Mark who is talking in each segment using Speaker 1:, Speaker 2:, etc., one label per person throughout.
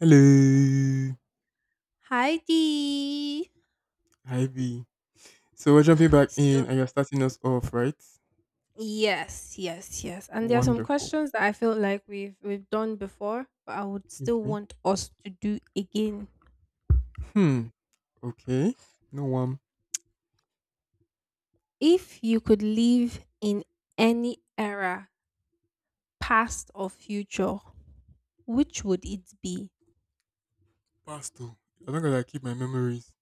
Speaker 1: Hello,
Speaker 2: Hi Dee.
Speaker 1: Ivy. So we're jumping back
Speaker 2: So
Speaker 1: in, and you're starting us off, right?
Speaker 2: yes, yes, yes. And there are some
Speaker 1: Wonderful.
Speaker 2: questions that I feel like we've done before, but I would still
Speaker 1: Okay.
Speaker 2: want us to do again.
Speaker 1: Hmm. Okay. No one.
Speaker 2: If you could live in any era, past or future, which would it be?
Speaker 1: Pasto. I'm not gonna keep my memories.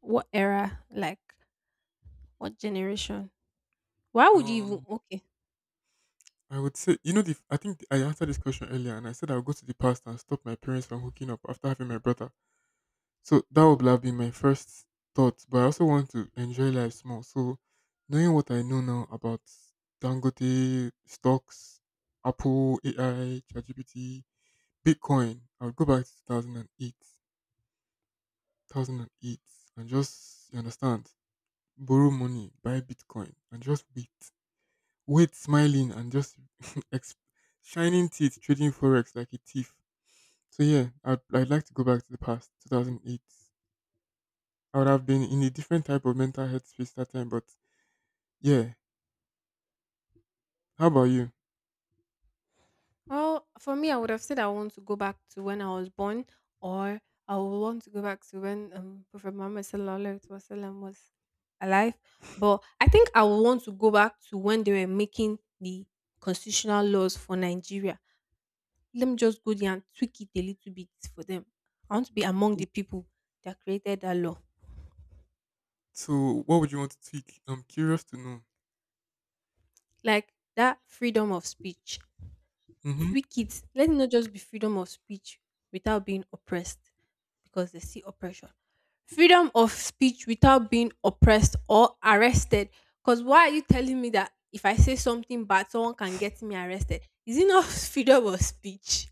Speaker 2: What era? Like what generation? Why would you even
Speaker 1: Um,
Speaker 2: okay?
Speaker 1: I would say, you know, the I think I answered this question earlier, and I said I would go to the past and stop my parents from hooking up after having my brother. So that would have been my first thought. But I also want to enjoy life small. So knowing what I know now about Dangote stocks, Apple AI, ChatGPT, Bitcoin, I would go back to 2008, 2008, and just, you understand, borrow money, buy Bitcoin and just wait. Wait smiling and just ex- shining teeth trading Forex like a thief. So yeah, I'd like to go back to the past, 2008. I would have been in a different type of mental headspace that time, but yeah. How about you?
Speaker 2: Well, for me, I would have said I want to go back to when I was born, or I would want to go back to when Prophet Muhammad sallallahu alaihi wasallam was alive. But I think I would want to go back to when they were making the constitutional laws for Nigeria. Let me just go there and tweak it a little bit for them. I want to be among the people that created that law,
Speaker 1: So what would you want to tweak? I'm curious to know.
Speaker 2: like that freedom of speech.
Speaker 1: Mm-hmm.
Speaker 2: Tweak it. Let it not just be freedom of speech without being oppressed, because they see oppression. Freedom of speech without being oppressed or arrested. Because why are you telling me that if I say something bad, someone can get me arrested? Is it not freedom of speech?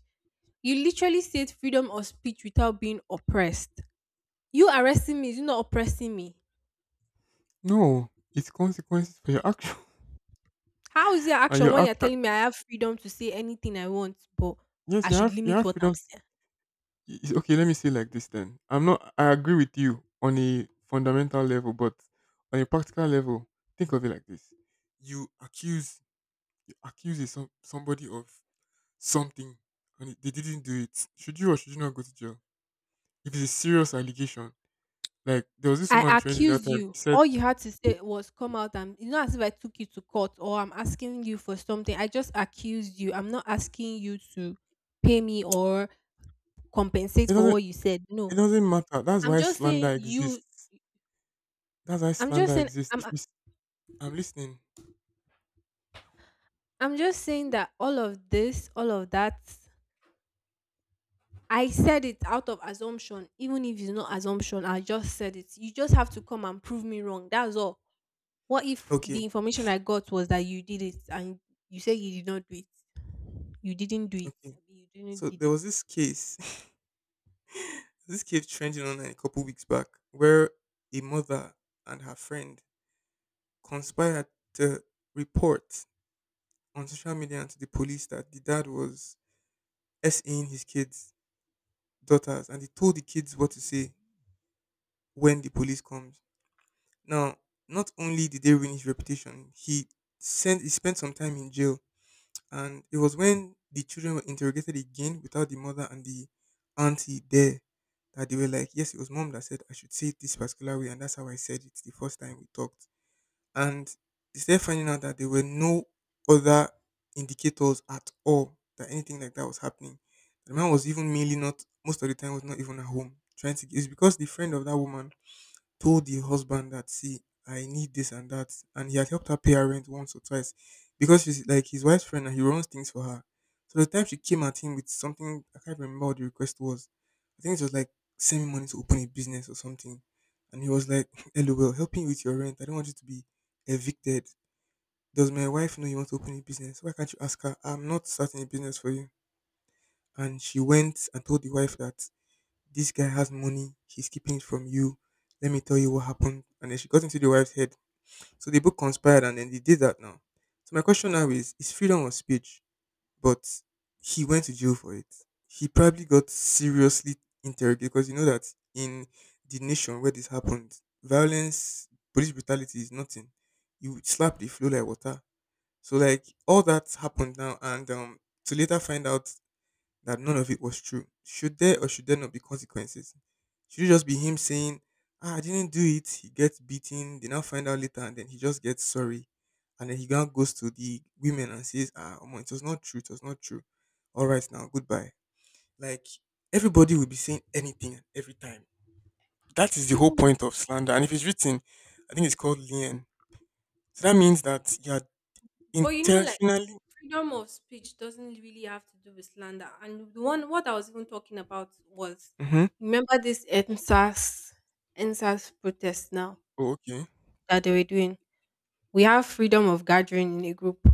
Speaker 2: You literally said freedom of speech without being oppressed. You arresting me is not oppressing me.
Speaker 1: No, it's consequences for your action.
Speaker 2: How is your
Speaker 1: And
Speaker 2: action
Speaker 1: your
Speaker 2: when you're
Speaker 1: action,
Speaker 2: telling me I have freedom to say anything I want, but
Speaker 1: yes,
Speaker 2: I should
Speaker 1: you
Speaker 2: limit
Speaker 1: have
Speaker 2: what I'm
Speaker 1: freedom.
Speaker 2: saying?
Speaker 1: Okay, let me say like this then. I'm not I agree with you on a fundamental level, but on a practical level, think of it like this. You accuse you accuse somebody of something and they didn't do it. Should you or should you not go to jail? If it's a serious allegation, like there was this
Speaker 2: I
Speaker 1: woman trending that
Speaker 2: accused
Speaker 1: time,
Speaker 2: you.
Speaker 1: she said
Speaker 2: All you had to say was come out, and it's not as if I took you to court or I'm asking you for something. I just accused you. I'm not asking you to pay me or compensate
Speaker 1: it
Speaker 2: for
Speaker 1: doesn't
Speaker 2: what you said.
Speaker 1: it
Speaker 2: No.
Speaker 1: doesn't matter. That's
Speaker 2: I'm
Speaker 1: why
Speaker 2: just
Speaker 1: slander
Speaker 2: saying you
Speaker 1: exists. That's why
Speaker 2: I'm just
Speaker 1: slander
Speaker 2: saying
Speaker 1: exists.
Speaker 2: I'm
Speaker 1: If you, s- I'm listening.
Speaker 2: I'm just saying that all of this, all of that, I said it out of assumption. Even if it's not assumption, I just said it. You just have to come and prove me wrong. That's all. What if
Speaker 1: Okay,
Speaker 2: the information I got was that you did it and you say you did not do it? You didn't do it.
Speaker 1: okay.
Speaker 2: I mean, you didn't
Speaker 1: So
Speaker 2: did
Speaker 1: there was
Speaker 2: it.
Speaker 1: this case. This came trending online a couple weeks back, where a mother and her friend conspired to report on social media and to the police that the dad was SAing his kids' daughters, and he told the kids what to say when the police comes. Now, not only did they ruin his reputation, he spent some time in jail, and it was when the children were interrogated again without the mother and the auntie there that they were like, yes, it was mom that said I should say it this particular way, and that's how I said it the first time we talked. And they started finding out that there were no other indicators at all that anything like that was happening. The man was even mainly not most of the time was not even at home trying to. It's because the friend of that woman told the husband that see, I need this and that, and he had helped her pay her rent once or twice because she's like his wife's friend and he runs things for her. So the time she came at him with something, I can't remember what the request was. I think it was like, send me money to open a business or something. And he was like, LOL, help me with your rent. I don't want you to be evicted. Does my wife know you want to open a business? Why can't you ask her? I'm not starting a business for you. And she went and told the wife that this guy has money, he's keeping it from you. Let me tell you what happened. And then she got into the wife's head. So they both conspired and then they did that now. So my question now is freedom of speech, but he went to jail for it. He probably got seriously interrogated because you know that in the nation where this happened, violence, police brutality is nothing. You would slap the flow like water. So like all that happened now, and to later find out that none of it was true? Should there or should there not be consequences? Should it just be him saying, ah, I didn't do it, he gets beaten, they now find out later, and then he just gets sorry. And then he now goes to the women and says, ah, omo, it was not true, it was not true. All right, now, goodbye. Like, everybody will be saying anything and every time. That is the whole
Speaker 2: Hmm.
Speaker 1: point of slander. And if it's written, I think it's called lien. So that means that you are
Speaker 2: But like
Speaker 1: intentionally.
Speaker 2: freedom of speech doesn't really have to do with slander. And the one what I was even talking about was
Speaker 1: Mm-hmm.
Speaker 2: remember this NSAS NSAS protest now
Speaker 1: Oh, okay.
Speaker 2: that they were doing. We have freedom of gathering in a group,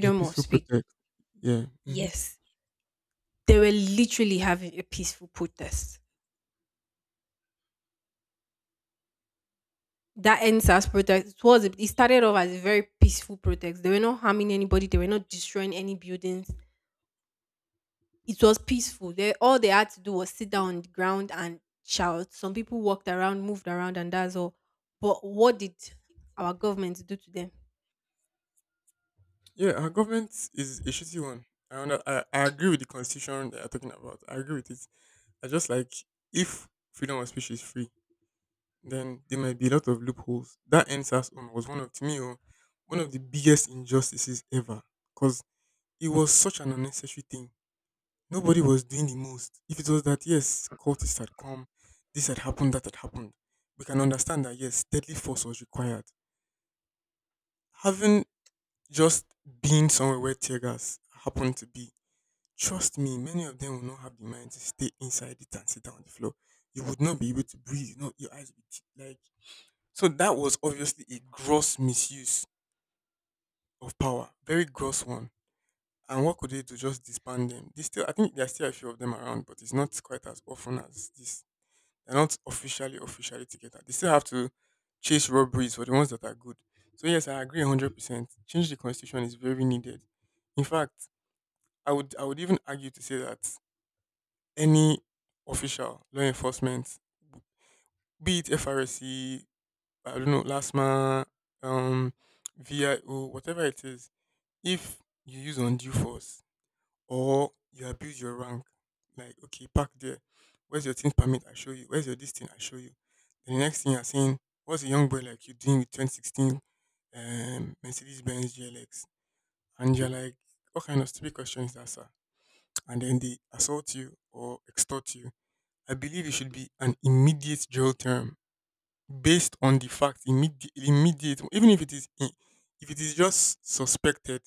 Speaker 1: Yeah,
Speaker 2: of
Speaker 1: peaceful
Speaker 2: speech.
Speaker 1: protect. Yeah. Mm-hmm.
Speaker 2: Yes. They were literally having a peaceful protest. That ends as protest, it started off as a very peaceful protest. They were not harming anybody, they were not destroying any buildings. It was peaceful. They had to do was sit down on the ground and shout. Some people walked around, moved around, and that's all. But what did our government do to them?
Speaker 1: Yeah, our government is a shitty one. I agree with the constitution they are talking about. I agree with it. I just like, if freedom of speech is free, then there might be a lot of loopholes. That NSAS one was one of to me, oh, one of the biggest injustices ever because it was such an unnecessary thing. Nobody was doing the most. If it was that, yes, cultists had come, this had happened, that had happened, we can understand that, yes, deadly force was required. Having just been somewhere where tear gas happened to be. Trust me, many of them will not have the mind to stay inside it and sit down on the floor. You would not be able to breathe. No, your eyes would be like. So that was obviously a gross misuse of power, very gross one. And what could they do? Just disband them. They still, I think there are still a few of them around, but it's not quite as often as this. They're not officially officially together. They still have to chase robberies for the ones that are good. So yes, I agree 100%. Change the constitution is very needed. In fact, I would even argue to say that any official law enforcement, be it FRSC, I don't know, LASMA, um, VIO, whatever it is, if you use undue force or you abuse your rank, like, okay, park there, where's your thing permit? I show you. Where's your this thing? I show you. Then the next thing you're saying, what's a young boy like you doing with 2016 Mercedes Benz GLX? And you're like, what kind of stupid question is that, sir? And then they assault you or extort you. I believe it should be an immediate jail term based on the fact, immediate, immediate, even if it is just suspected,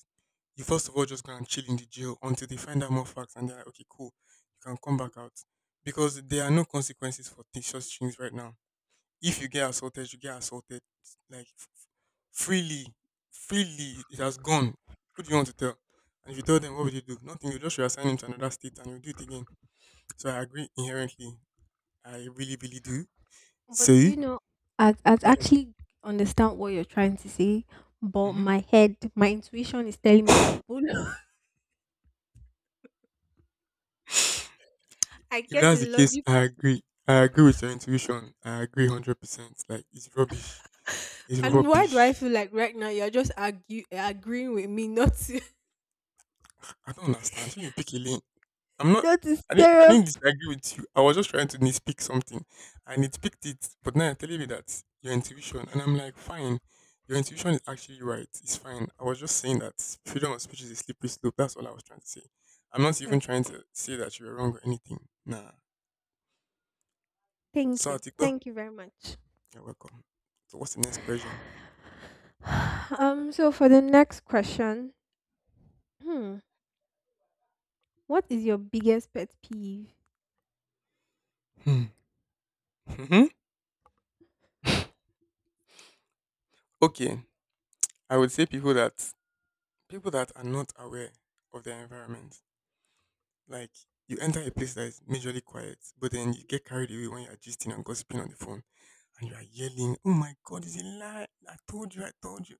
Speaker 1: you first of all just go and chill in the jail until they find out more facts and they're like, okay, cool, you can come back out. Because there are no consequences for such things right now. If you get assaulted, you get assaulted like freely, freely. It has gone. Who do you want to tell? And if you tell them, what will you do? Nothing. You just reassign him to another state and you'll do it again. So I agree inherently. I really, really do.
Speaker 2: But do
Speaker 1: So,
Speaker 2: you know, I
Speaker 1: then,
Speaker 2: actually understand what you're trying to say, but
Speaker 1: hmm,
Speaker 2: my intuition is telling me that Bolo I
Speaker 1: if
Speaker 2: get
Speaker 1: that's the
Speaker 2: the
Speaker 1: case,
Speaker 2: logic.
Speaker 1: I agree. I agree with your intuition. I agree 100%. Like, it's rubbish. It's
Speaker 2: And why do I
Speaker 1: rubbish.
Speaker 2: feel like right now you're just agreeing with me not to.
Speaker 1: I don't understand. So, you pick a lane. I'm not,
Speaker 2: That is
Speaker 1: I
Speaker 2: terrible.
Speaker 1: didn't disagree with you. I was just trying to nitpick something. I nitpicked it, but now you're telling me that your intuition. And I'm like, fine. Your intuition is actually right. It's fine. I was just saying that freedom of speech is a slippery slope. That's all I was trying to say. I'm not even
Speaker 2: Oh,
Speaker 1: trying to say that you were wrong or anything. Nah.
Speaker 2: thank
Speaker 1: So I
Speaker 2: you.
Speaker 1: think, well,
Speaker 2: Thank you very much.
Speaker 1: you're welcome. So what's the next question?
Speaker 2: So for the next question, hmm, what is your biggest pet peeve?
Speaker 1: Hmm. Mhm. Okay. I would say people that are not aware of their environment. Like you enter a place that is majorly quiet, but then you get carried away when you are gisting and gossiping on the phone and you are yelling, oh my god, it's a lie. I told you, I told you.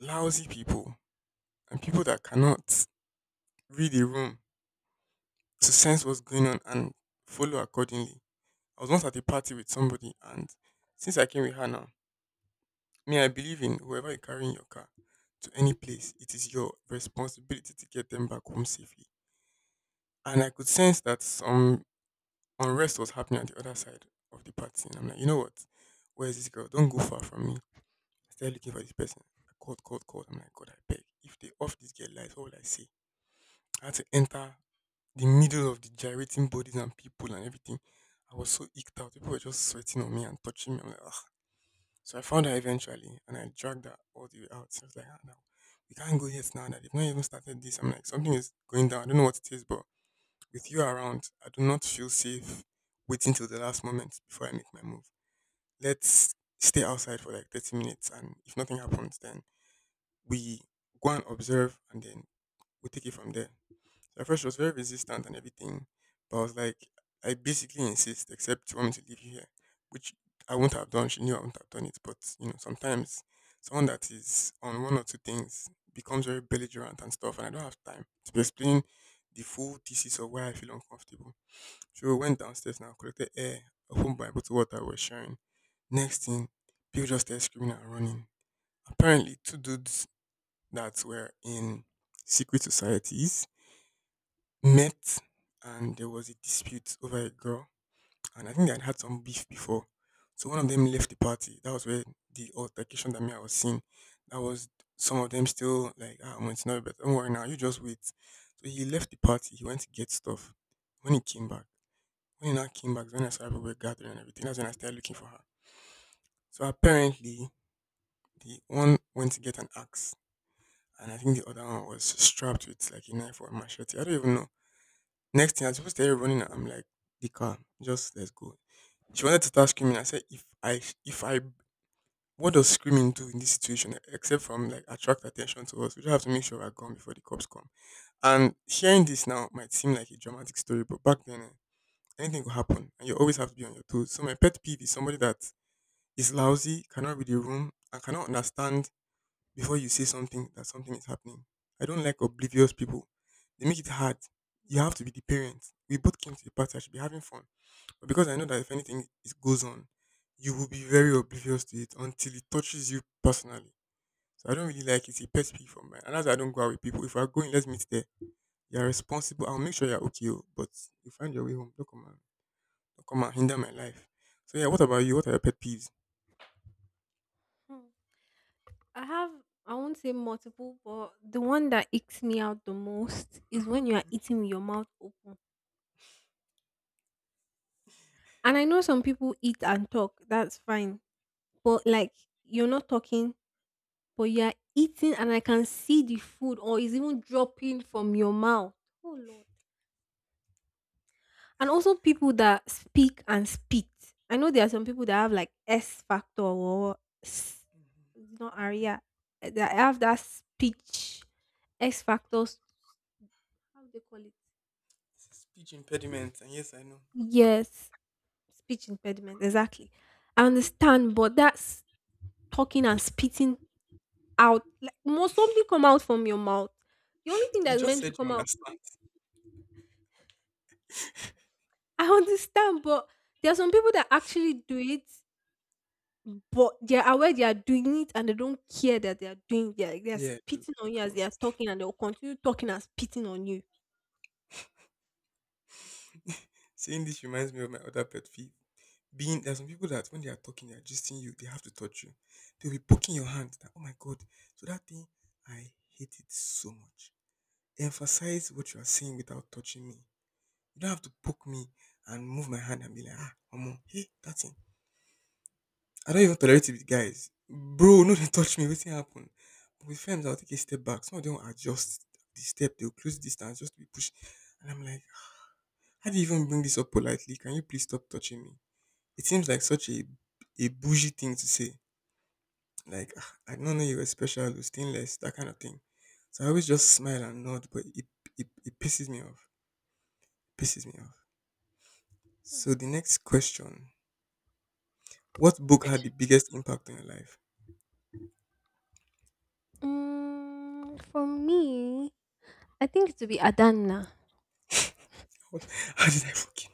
Speaker 1: Lousy people and people that cannot read a room to sense what's going on and follow accordingly. I was once at a party with somebody and since I came with her now. Me, I believe in whoever you carry in your car to any place, it is your responsibility to get them back home safely. And I could sense that some unrest was happening at the other side of the party. And I'm like, you know what? Where is this girl? Don't go far from me. I started looking for this person. I called, called, called. I'm like, God, I beg. If they off this girl lights, what will I say? I had to enter the middle of the gyrating bodies and people and everything. I was so eked out. People were just sweating on me and touching me. I'm like, so I found her eventually and I dragged her all the way out. So, I was like, ah, no, we can't go yet now that they've not even started this. I'm like, something is going down. I don't know what it is, but with you around, I do not feel safe waiting till the last moment before I make my move. Let's stay outside for like 30 minutes, and if nothing happens, then we go and observe and then we take it from there. So at first she was very resistant and everything, but I was like, I basically insist, except you want me to leave you here, which I wouldn't have done. She knew I wouldn't have done it, but sometimes someone that is on one or two things becomes very belligerent and stuff, and I don't have time to be explaining the full thesis of why I feel uncomfortable. So we went downstairs now, collected air, opened by bottle water, we're sharing. Next thing, people just started screaming and running. Apparently, two dudes that were in secret societies met, and there was a dispute over a girl, and I think they had had some beef before. So one of them left the party. That was where the altercation that me I was seeing. That was some of them still like, ah, well, it's not but don't worry now, you just wait. So he left the party, he went to get stuff. When he came back, when he now came back, is when I saw everybody gathering and everything, that's when I started looking for her. So apparently the one went to get an axe, and I think the other one was strapped with like a knife or a machete. I don't even know. Next thing, I just started running. I'm like, the car, just let's go. She wanted to start screaming. I said, if I, what does screaming do in this situation except from like attract attention to us? We just have to make sure we're gone before the cops come. And sharing this now might seem like a dramatic story, but back then, eh, anything could happen, and you always have to be on your toes. So my pet peeve is somebody that is lousy, cannot read the room, and cannot understand before you say something that something is happening. I don't like oblivious people. They make it hard. You have to be the parent. We both came to the party. I should be having fun, but because I know that if anything is goes on, you will be very oblivious to it until it touches you personally. So I don't really like it. It's a pet peeve for mine, and that's why I don't go out with people. If we're going, let's meet there. You're responsible. I'll make sure you're okay, oh, but you find your way home. Don't come and hinder my life. So yeah, what about you? What are your pet peeves?
Speaker 2: Hmm, I have I won't say multiple, but the one that icks me out the most is when you are eating with your mouth open. And I know some people eat and talk, that's fine. But like you're not talking, but you are eating and I can see the food or is even dropping from your mouth. Oh lord. And also people that speak and spit. I know there are some people that have like S factor or s, not aria. That have that speech X factors. How do they call it?
Speaker 1: It's a speech impediment, and yes, I know.
Speaker 2: Yes, speech impediment. Exactly. I understand, but that's talking and spitting out. Like, must something come out from your mouth? The only thing
Speaker 1: You
Speaker 2: that's
Speaker 1: just
Speaker 2: meant to
Speaker 1: said you
Speaker 2: come out.
Speaker 1: understand.
Speaker 2: I understand, but there are some people that actually do it. But they are aware they are doing it, and they don't care that they are doing it. They are
Speaker 1: Yeah,
Speaker 2: spitting
Speaker 1: that
Speaker 2: on you as they
Speaker 1: was
Speaker 2: are talking, and they'll continue talking and spitting on you.
Speaker 1: saying this reminds me of my other pet peeve. Being there are some people that when they are talking, they are gisting you, they have to touch you. They'll be poking your hand. That, oh my god. So that thing, I hate it so much. Emphasize what you are saying without touching me. You don't have to poke me and move my hand and be like, ah, Omo, hey, that thing. I don't even tolerate it with guys. Bro, no, they touch me. What's happen? But with friends, I'll take a step back. Some of them will adjust the step, they'll close distance just to be pushed. And I'm like, "Ah, how do you even bring this up politely? Can you please stop touching me? It seems like such a bougie thing to say. Like, "Ah, I don't know you were special, or stainless, that kind of thing. So I always just smile and nod, but it pisses me off. Pisses me off. So the next question, what book had the biggest impact on your life?
Speaker 2: For me, I think it would be Adana.
Speaker 1: What? How did I fucking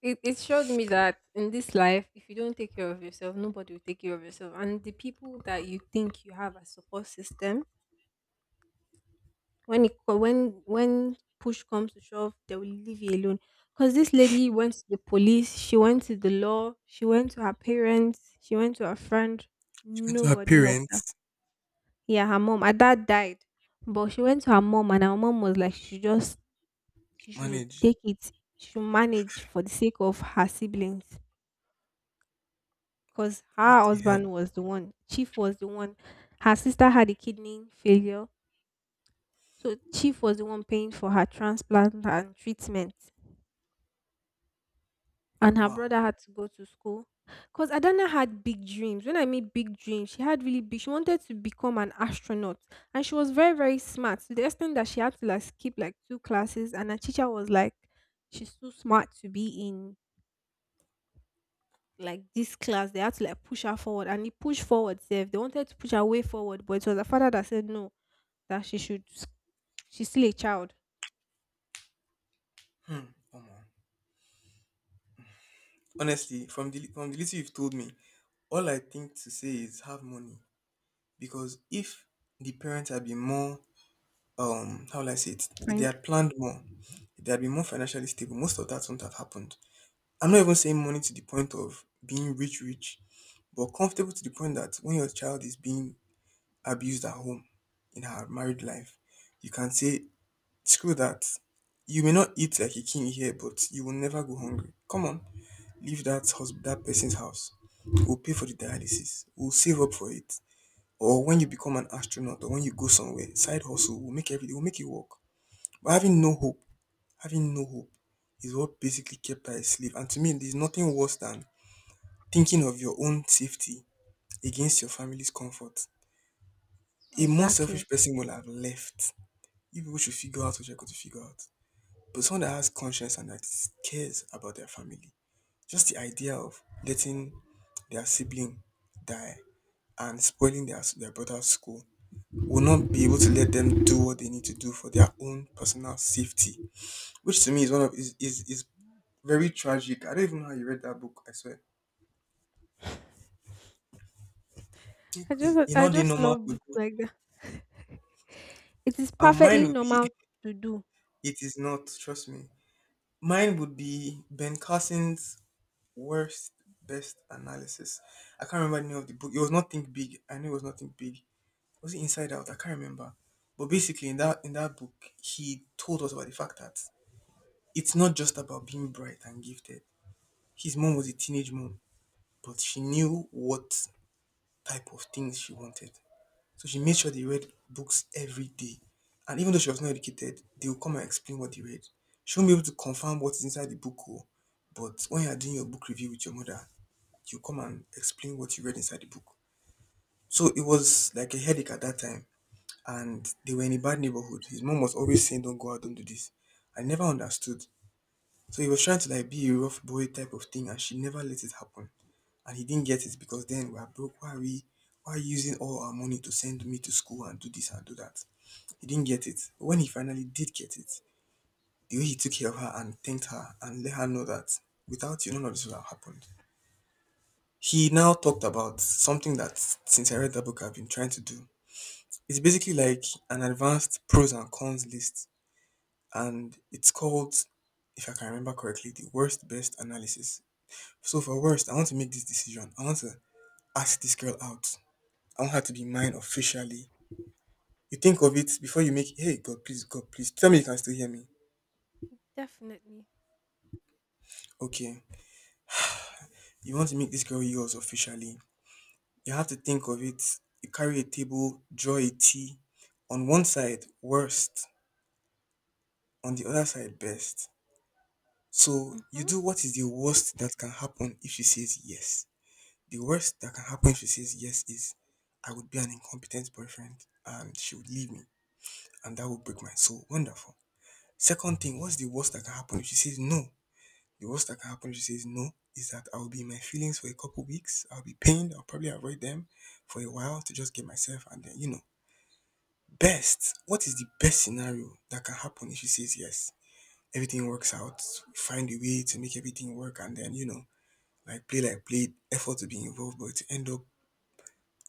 Speaker 2: It showed me that in this life, if you don't take care of yourself, nobody will take care of yourself. And the people that you think you have a support system, when it co- when push comes to shove, they will leave you alone, because this lady went to the police, she went to the law, she went to her parents, she went to her friend.
Speaker 1: you went to her
Speaker 2: Nobody helped her.
Speaker 1: parents
Speaker 2: Yeah, her mom, her dad died. But she went to her mom, and her mom was like she should
Speaker 1: manage?
Speaker 2: take it, she should manage for the sake of her siblings. Because
Speaker 1: What
Speaker 2: her
Speaker 1: the hell?
Speaker 2: husband was the one, chief was the one. Her sister had a kidney failure, so chief was the one paying for her transplant and treatment, and her brother
Speaker 1: Wow.
Speaker 2: had to go to school. Because Adana had big dreams. When I mean big dreams, she had really big. She wanted to become an astronaut, and she was very very smart to the extent that she had to like skip like two classes. And her teacher was like, "She's too smart to be in like this class." They had to like push her forward, and he pushed forward. Safe. They wanted to push her way forward, but it was her father that said no, that she's still a child.
Speaker 1: Hmm. Omo. Honestly, from the little you've told me, all I think to say is have money. Because if the parents had been more how will I say it? If they
Speaker 2: Fine.
Speaker 1: had planned more, if they had been more financially stable, most of that wouldn't have happened. I'm not even saying money to the point of being rich rich, but comfortable to the point that when your child is being abused at home in her married life, you can say, screw that. You may not eat like a king here, but you will never go hungry. Come on, leave that husband, that person's house. We'll pay for the dialysis. We'll save up for it. Or when you become an astronaut, or when you go somewhere, side hustle will make everything will make it work. But having no hope, is what basically kept her a slave. And to me, there's nothing worse than thinking of your own safety against your family's comfort. A more selfish
Speaker 2: Exactly.
Speaker 1: person will have left you people should figure out what you're going to figure out. But someone that has conscience and that cares about their family, just the idea of letting their sibling die and spoiling their brother's school will not be able to let them do what they need to do for their own personal safety, which to me is one of is very tragic. I don't even know how you read that book. I swear,
Speaker 2: I
Speaker 1: it's-
Speaker 2: just
Speaker 1: you know
Speaker 2: I
Speaker 1: the
Speaker 2: just
Speaker 1: normal
Speaker 2: love books
Speaker 1: people.
Speaker 2: like that. It is
Speaker 1: And mine
Speaker 2: perfectly
Speaker 1: would be
Speaker 2: normal to do.
Speaker 1: it is not. Trust me. Mine would be Ben Carson's worst best analysis. I can't remember the name of the book. It was not Think Big. I knew it was not Think Big. Was it Inside Out? I can't remember. But basically, in that book, he told us about the fact that it's not just about being bright and gifted. His mom was a teenage mom, but she knew what type of things she wanted. So she made sure they read books every day. And even though she was not educated, they would come and explain what they read. She won't be able to confirm what is inside the book, oh, but when you are doing your book review with your mother, you come and explain what you read inside the book. So it was like a headache at that time, and they were in a bad neighborhood. His mom was always saying, "Don't go out, don't do this." I never understood. So he was trying to like be a rough boy type of thing, and she never let it happen. And he didn't get it because then we are broke. Why are we? Why are you using all our money to send me to school and do this and do that? He didn't get it. But when he finally did get it, the way he took care of her and thanked her and let her know that without you, none of this would have happened. He now talked about something that, since I read that book, I've been trying to do. It's basically like an advanced pros and cons list, and it's called, if I can remember correctly, the worst best analysis. So, for worst, I want to make this decision. I want to ask this girl out. I want her to be mine officially. You think of it before you make, hey, God, please, tell me you can still hear me.
Speaker 2: Definitely.
Speaker 1: Okay, you want to make this girl yours officially. You have to think of it. You carry a table, draw a tea. On one side, worst, on the other side best. So you
Speaker 2: Mhm.
Speaker 1: do what is the worst that can happen if she says yes. The worst that can happen if she says yes is I would be an incompetent boyfriend and she would leave me and that would break my soul. Wonderful. Second thing, what's the worst that can happen if she says no? The worst that can happen if she says no is that I'll be in my feelings for a couple weeks. I'll be pained. I'll probably avoid them for a while to just get myself and then, Best, what is the best scenario that can happen if she says yes? Everything works out. We find a way to make everything work and then, like play, effort to be involved, but you end up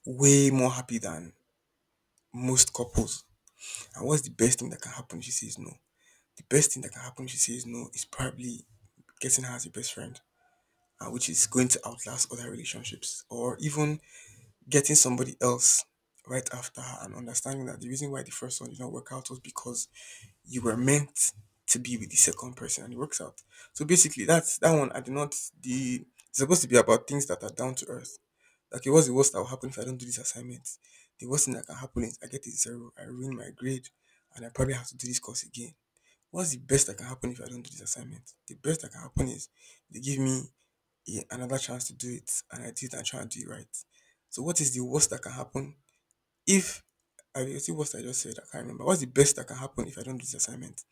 Speaker 1: way more happy than most couples. And what's the best thing that can happen she says no? The best thing that can happen she says no is probably getting her as a best friend, which is going to outlast other relationships, or even getting somebody else right after her and understanding that the reason why the first one did not work out was because you were meant to be with the second person and it works out. So basically that's that one I do not the it's supposed to be about things that are down to earth. Like, okay, what's the worst that will happen if I don't do this assignment? The worst thing that can happen is I get a zero, I ruin my grade, and I probably have to do this course again. What's the best that can happen if I don't do this assignment? The best that can happen is they give me another chance to do it and I do it and try and do it right. So what is the worst that can happen if I see what I just said? I can't remember. What's the best that can happen if I don't do this assignment?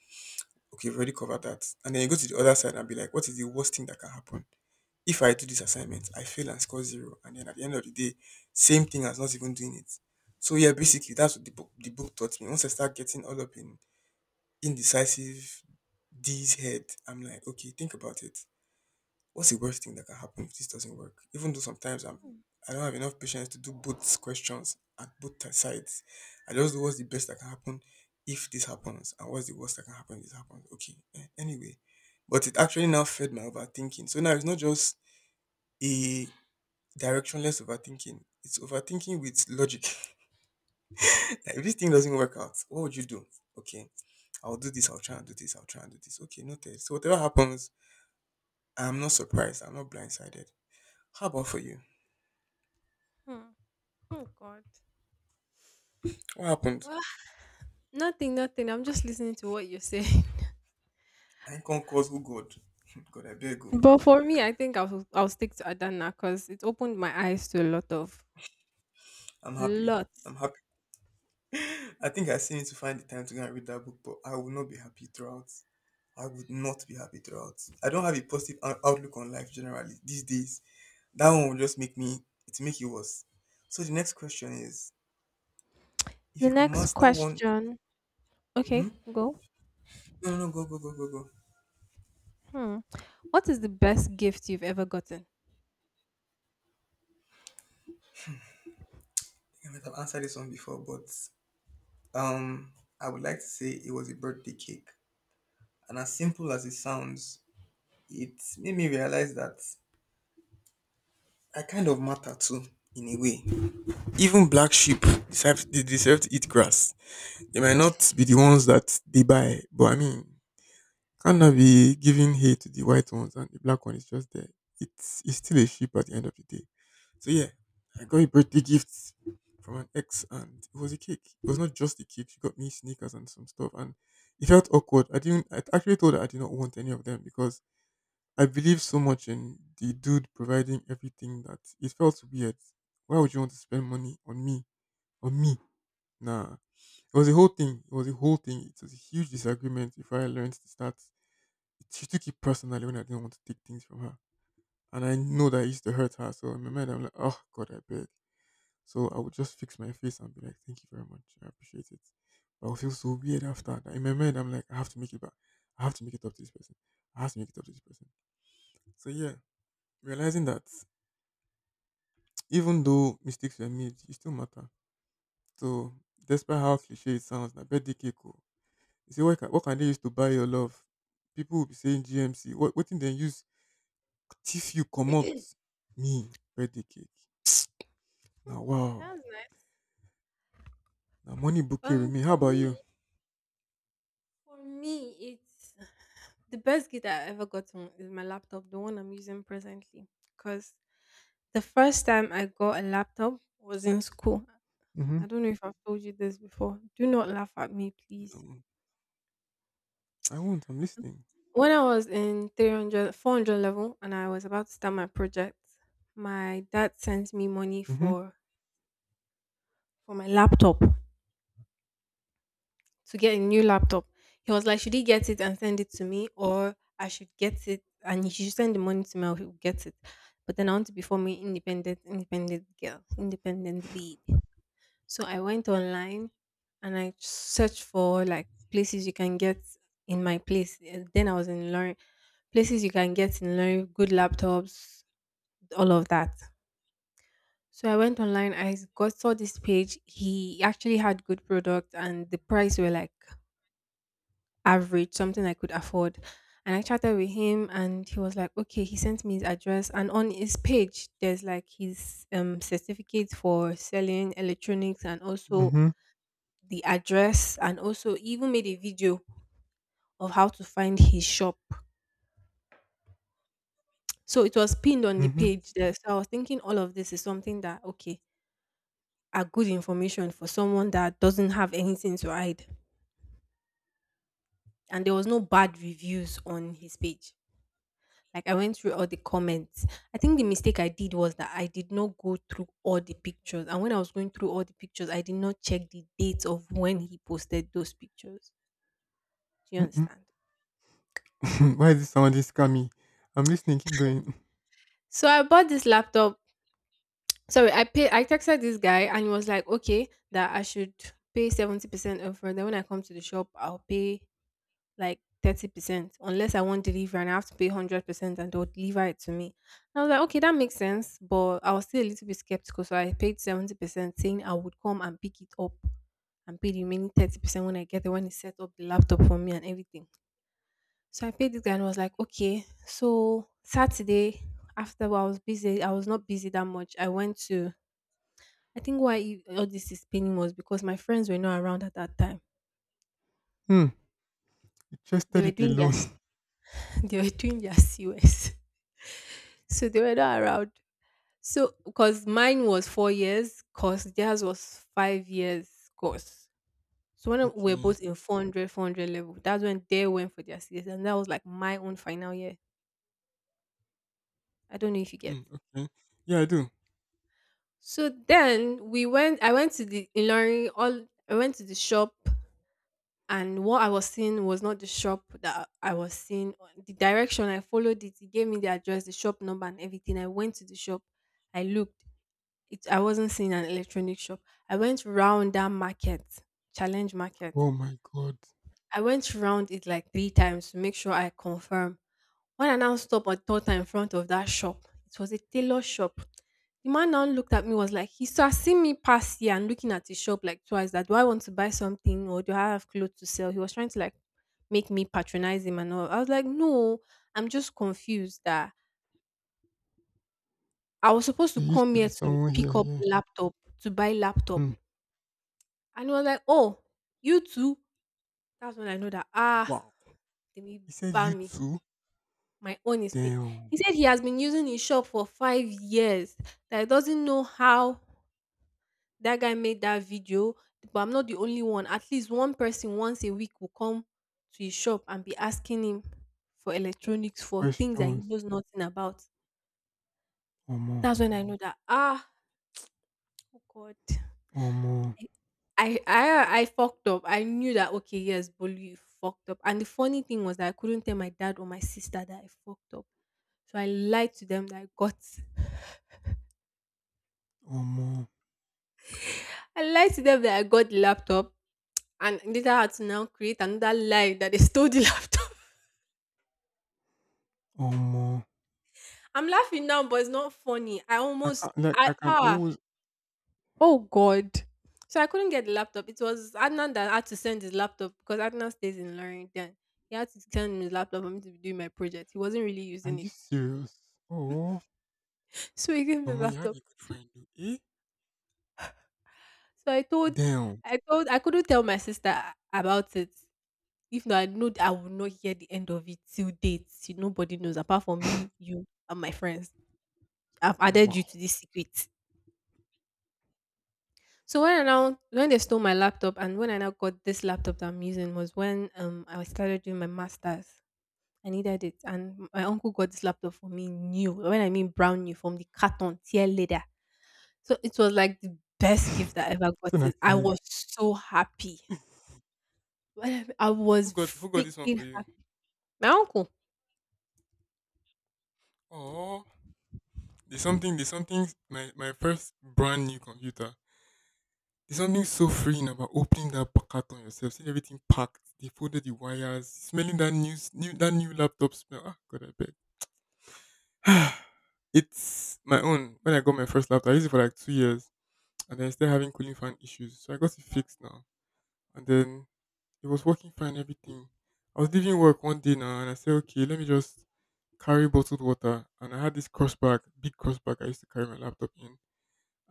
Speaker 1: Okay, we've already covered that. And then you go to the other side and be like, what is the worst thing that can happen? If I do this assignment, I fail and score zero. And then at the end of the day, same thing as not even doing it. So yeah, basically that's what the book taught me. Once I start getting all up in indecisive D's head, I'm like, okay, think about it, what's the worst thing that can happen if this doesn't work? Even though sometimes I'm
Speaker 2: Mm,
Speaker 1: I don't have enough patience to do both questions at both sides. I just do what's the best that can happen if this happens and what's the worst that can happen if this happens. Okay. Anyway. But it actually now fed my overthinking. So now it's not just a directionless overthinking. It's overthinking with logic. Like if this thing doesn't work out, what would you do? Okay, I'll do this, I'll try and do this, I'll try and do this. Okay, noted. So whatever happens, I'm not surprised, I'm not blindsided. How about for you?
Speaker 2: hmm. Oh God.
Speaker 1: What happened?
Speaker 2: Well, nothing, nothing. I'm just listening to what you're saying.
Speaker 1: I can't cause who God. God, I beg you.
Speaker 2: But for me, I think I'll stick to Adana because it opened my eyes to a lot of
Speaker 1: I'm happy.
Speaker 2: lots.
Speaker 1: I'm happy. I think I still need to find the time to go and read that book, but I will not be happy throughout. I would not be happy throughout. I don't have a positive outlook on life generally these days. That one will just make me, it make it worse. So the next question is: if
Speaker 2: The
Speaker 1: you could
Speaker 2: next
Speaker 1: master one,
Speaker 2: question.
Speaker 1: mhm,
Speaker 2: Okay, go.
Speaker 1: no, no, no, go, go, go, go, go.
Speaker 2: Hmm. What is the best gift you've ever gotten?
Speaker 1: I might have answered this one before, but um, I would like to say it was a birthday cake. And as simple as it sounds, it made me realize that I kind of matter too, in a way. Even black sheep they deserve to eat grass. They might not be the ones that they buy, but I mean, can't I be giving hate to the white ones and the black one is just there? It's still a sheep at the end of the day. So yeah, I got a birthday gift from an ex and it was a cake. It was not just a cake. She got me sneakers and some stuff and it felt awkward. I didn't, I actually told her I did not want any of them because I believe so much in the dude providing everything that it felt weird. Why would you want to spend money on me? On me? Nah. It was a whole thing. It was a whole thing. It was a huge disagreement before I learned to start. She took it personally when I didn't want to take things from her. And I know that it used to hurt her. So in my mind, I'm like, oh, God, I beg. So I would just fix my face and be like, thank you very much. I appreciate it. But I would feel so weird after that. In my mind, I'm like, I have to make it back. I have to make it up to this person. I have to make it up to this person. So yeah, realizing that even though mistakes were made, it still matter. So despite how cliche it sounds, na birthday cake. Oh. You say what can they use to buy your love? People will be saying GMC. What thing they use thief you come out
Speaker 2: Hmm,
Speaker 1: me birthday cake. Now
Speaker 2: that
Speaker 1: wow.
Speaker 2: was nice.
Speaker 1: Now money bouquet with
Speaker 2: Um,
Speaker 1: me. How
Speaker 2: for
Speaker 1: about
Speaker 2: me,
Speaker 1: you?
Speaker 2: for me, it's the best gift I ever gotten is my laptop, the one I'm using presently. Cause the first time I got a laptop was in school.
Speaker 1: Mm-hmm.
Speaker 2: I don't know if I've told you this before. Do not laugh at me, please.
Speaker 1: No, I won't. I'm listening.
Speaker 2: When I was in 300, 400 level and I was about to start my project, my dad sent me money
Speaker 1: Mm-hmm.
Speaker 2: for, my laptop to get a new laptop. He was like, should he get it and send it to me, or I should get it and he should send the money to me, or he'll get it. But then I want to be for me independent, independent girl, independent babe. So I went online and I searched for like places you can get in my place. And then I was in Lorry, places you can get in
Speaker 1: Okay.
Speaker 2: Lorry, good laptops, all of that. So I went online. I got saw this page. He actually had good product, and the price were like average, something I could afford. And I chatted with him, and he was like, "Okay." He sent me his address, and on his page, there's like his certificate for selling electronics, and also
Speaker 1: Mm-hmm.
Speaker 2: the address, and also even made a video of how to find his shop. So it was pinned on the
Speaker 1: Mm-hmm.
Speaker 2: page there. So I was thinking all of this is something that, okay, are good information for someone that doesn't have anything to hide. And there was no bad reviews on his page. Like I went through all the comments. I think the mistake I did was that I did not go through all the pictures. And when I was going through all the pictures, I did not check the dates of when he posted those pictures. Do you understand?
Speaker 1: Mm-hmm. Why is this sounding scammy? I'm listening. Keep going.
Speaker 2: So I bought this laptop. Sorry, I pay. I texted this guy, and he was like, "Okay, that I should pay 70% upfront. Then when I come to the shop, I'll pay like 30%, unless I want delivery, and I have to pay 100%, and they'll deliver it to me." And I was like, "Okay, that makes sense," but I was still a little bit skeptical, so I paid 70%, saying I would come and pick it up and pay the remaining 30% when I get there, when he set up the laptop for me and everything. So I paid this guy and was like, okay. So Saturday, after, I was busy, I was not busy that much. I went to I think all this is paining was because my friends were not around at that time.
Speaker 1: Hmm. You
Speaker 2: They
Speaker 1: trusted
Speaker 2: were
Speaker 1: it
Speaker 2: doing their
Speaker 1: alone.
Speaker 2: s- they were doing their COS, so they were not around. So because mine was 4 years, cause theirs was 5 years course. So when we were
Speaker 1: Okay.
Speaker 2: both in 400 level, that's when they went for their CS, and that was like my own final year. I don't know if you get.
Speaker 1: Hmm. Okay. Yeah, I do.
Speaker 2: So then we went. I went to the in Ilorin. All I went to the shop and what I was seeing was not the shop that I was seeing. The direction I followed it, it gave me the address, the shop number, and everything. I went to the shop. I looked. I wasn't seeing an electronic shop. I went round that market, challenge market.
Speaker 1: Oh my God.
Speaker 2: I went round it like three times to make sure I confirm. When I now stopped at third time in front of that shop, it was a tailor shop. The man now looked at me was like, he saw seeing me pass here and looking at his shop like twice that do I want to buy something or do I have clothes to sell? He was trying to like make me patronize him and all. I was like, no, I'm just confused that I was supposed to
Speaker 1: There used
Speaker 2: come
Speaker 1: to
Speaker 2: here
Speaker 1: be
Speaker 2: to
Speaker 1: someone
Speaker 2: pick
Speaker 1: here,
Speaker 2: up
Speaker 1: yeah.
Speaker 2: laptop, to buy laptop.
Speaker 1: Hmm.
Speaker 2: And he was like, oh, you too? That's when I know that, ah,
Speaker 1: Wow.
Speaker 2: they may
Speaker 1: He said you
Speaker 2: ban me.
Speaker 1: too?
Speaker 2: My own is pay.
Speaker 1: Damn.
Speaker 2: He said he has been using his shop for 5 years. That he doesn't know how that guy made that video, but I'm not the only one. At least one person once a week will come to his shop and be asking him for electronics for things that he
Speaker 1: Questions.
Speaker 2: knows nothing about.
Speaker 1: Or more?
Speaker 2: That's when I know that ah oh God.
Speaker 1: Or more?
Speaker 2: I I fucked up. I knew that okay, yes, Bolu, you fucked up. And the funny thing was that I couldn't tell my dad or my sister that I fucked up. So
Speaker 1: Or more?
Speaker 2: I lied to them that I got the laptop and later had to now create another lie that they stole the laptop.
Speaker 1: Or more?
Speaker 2: I'm laughing now, but it's not funny. I
Speaker 1: I
Speaker 2: almost
Speaker 1: can't like I
Speaker 2: I
Speaker 1: can
Speaker 2: ah
Speaker 1: always,
Speaker 2: oh god. So I couldn't get the laptop. It was Adnan that had to send his laptop because Adnan stays in Lorraine. He had to send me his laptop for me to be doing my project. He wasn't really
Speaker 1: are
Speaker 2: using
Speaker 1: you
Speaker 2: it.
Speaker 1: serious? Oh,
Speaker 2: So he gave me the
Speaker 1: omo, you have
Speaker 2: laptop.
Speaker 1: a good friend though. Eh?
Speaker 2: So
Speaker 1: Damn.
Speaker 2: I couldn't tell my sister about it. If not, I know that I will not hear the end of it till date. Till Nobody knows apart from me, you, and my friends. I've added you
Speaker 1: Wow.
Speaker 2: to this secret. So when I now when they stole my laptop and when I now got this laptop that I'm using was when I started doing my masters. I needed it, and my uncle got this laptop for me new. When I mean brand new, from the carton tear leather. So it was like the best gift I ever
Speaker 1: It's
Speaker 2: got.
Speaker 1: an
Speaker 2: I
Speaker 1: accident.
Speaker 2: was so happy. When I
Speaker 1: Who
Speaker 2: was
Speaker 1: got, who got this one for
Speaker 2: freaking
Speaker 1: you?
Speaker 2: happy. My uncle.
Speaker 1: Oh, there's something, there's something my first brand new computer. There's something so freeing about opening that packet on yourself, seeing everything packed. They folded the wires, smelling that new s- new that new laptop smell. Ah, God, I beg. It's my own. When I got my first laptop, I used it for like 2 years, and then I started having cooling fan issues, so I got it fixed now. And then it was working fine, everything. I was leaving work one day now and I said, okay, let me just carry bottled water. And I had this cross bag, big cross bag I used to carry my laptop in.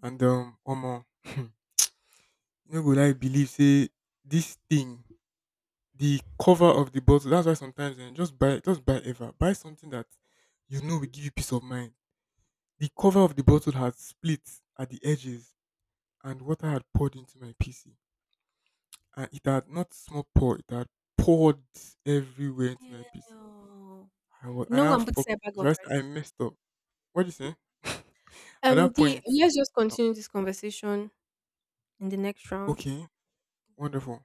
Speaker 1: And omo, you know go like believe say this thing, the cover of the bottle, that's why sometimes eh, just buy ever. Buy something that you know will give you peace of mind. The cover of the bottle had split at the edges and water had poured into my PC. And it had not small pour, it had poured everywhere into my PC.
Speaker 2: Yeah.
Speaker 1: I was and
Speaker 2: No
Speaker 1: I now
Speaker 2: one puts
Speaker 1: fucked.
Speaker 2: in a bag of
Speaker 1: I
Speaker 2: rice.
Speaker 1: messed up. What do you say? At that
Speaker 2: D,
Speaker 1: point,
Speaker 2: let's just
Speaker 1: I-
Speaker 2: continue this conversation in the next round.
Speaker 1: okay, wonderful.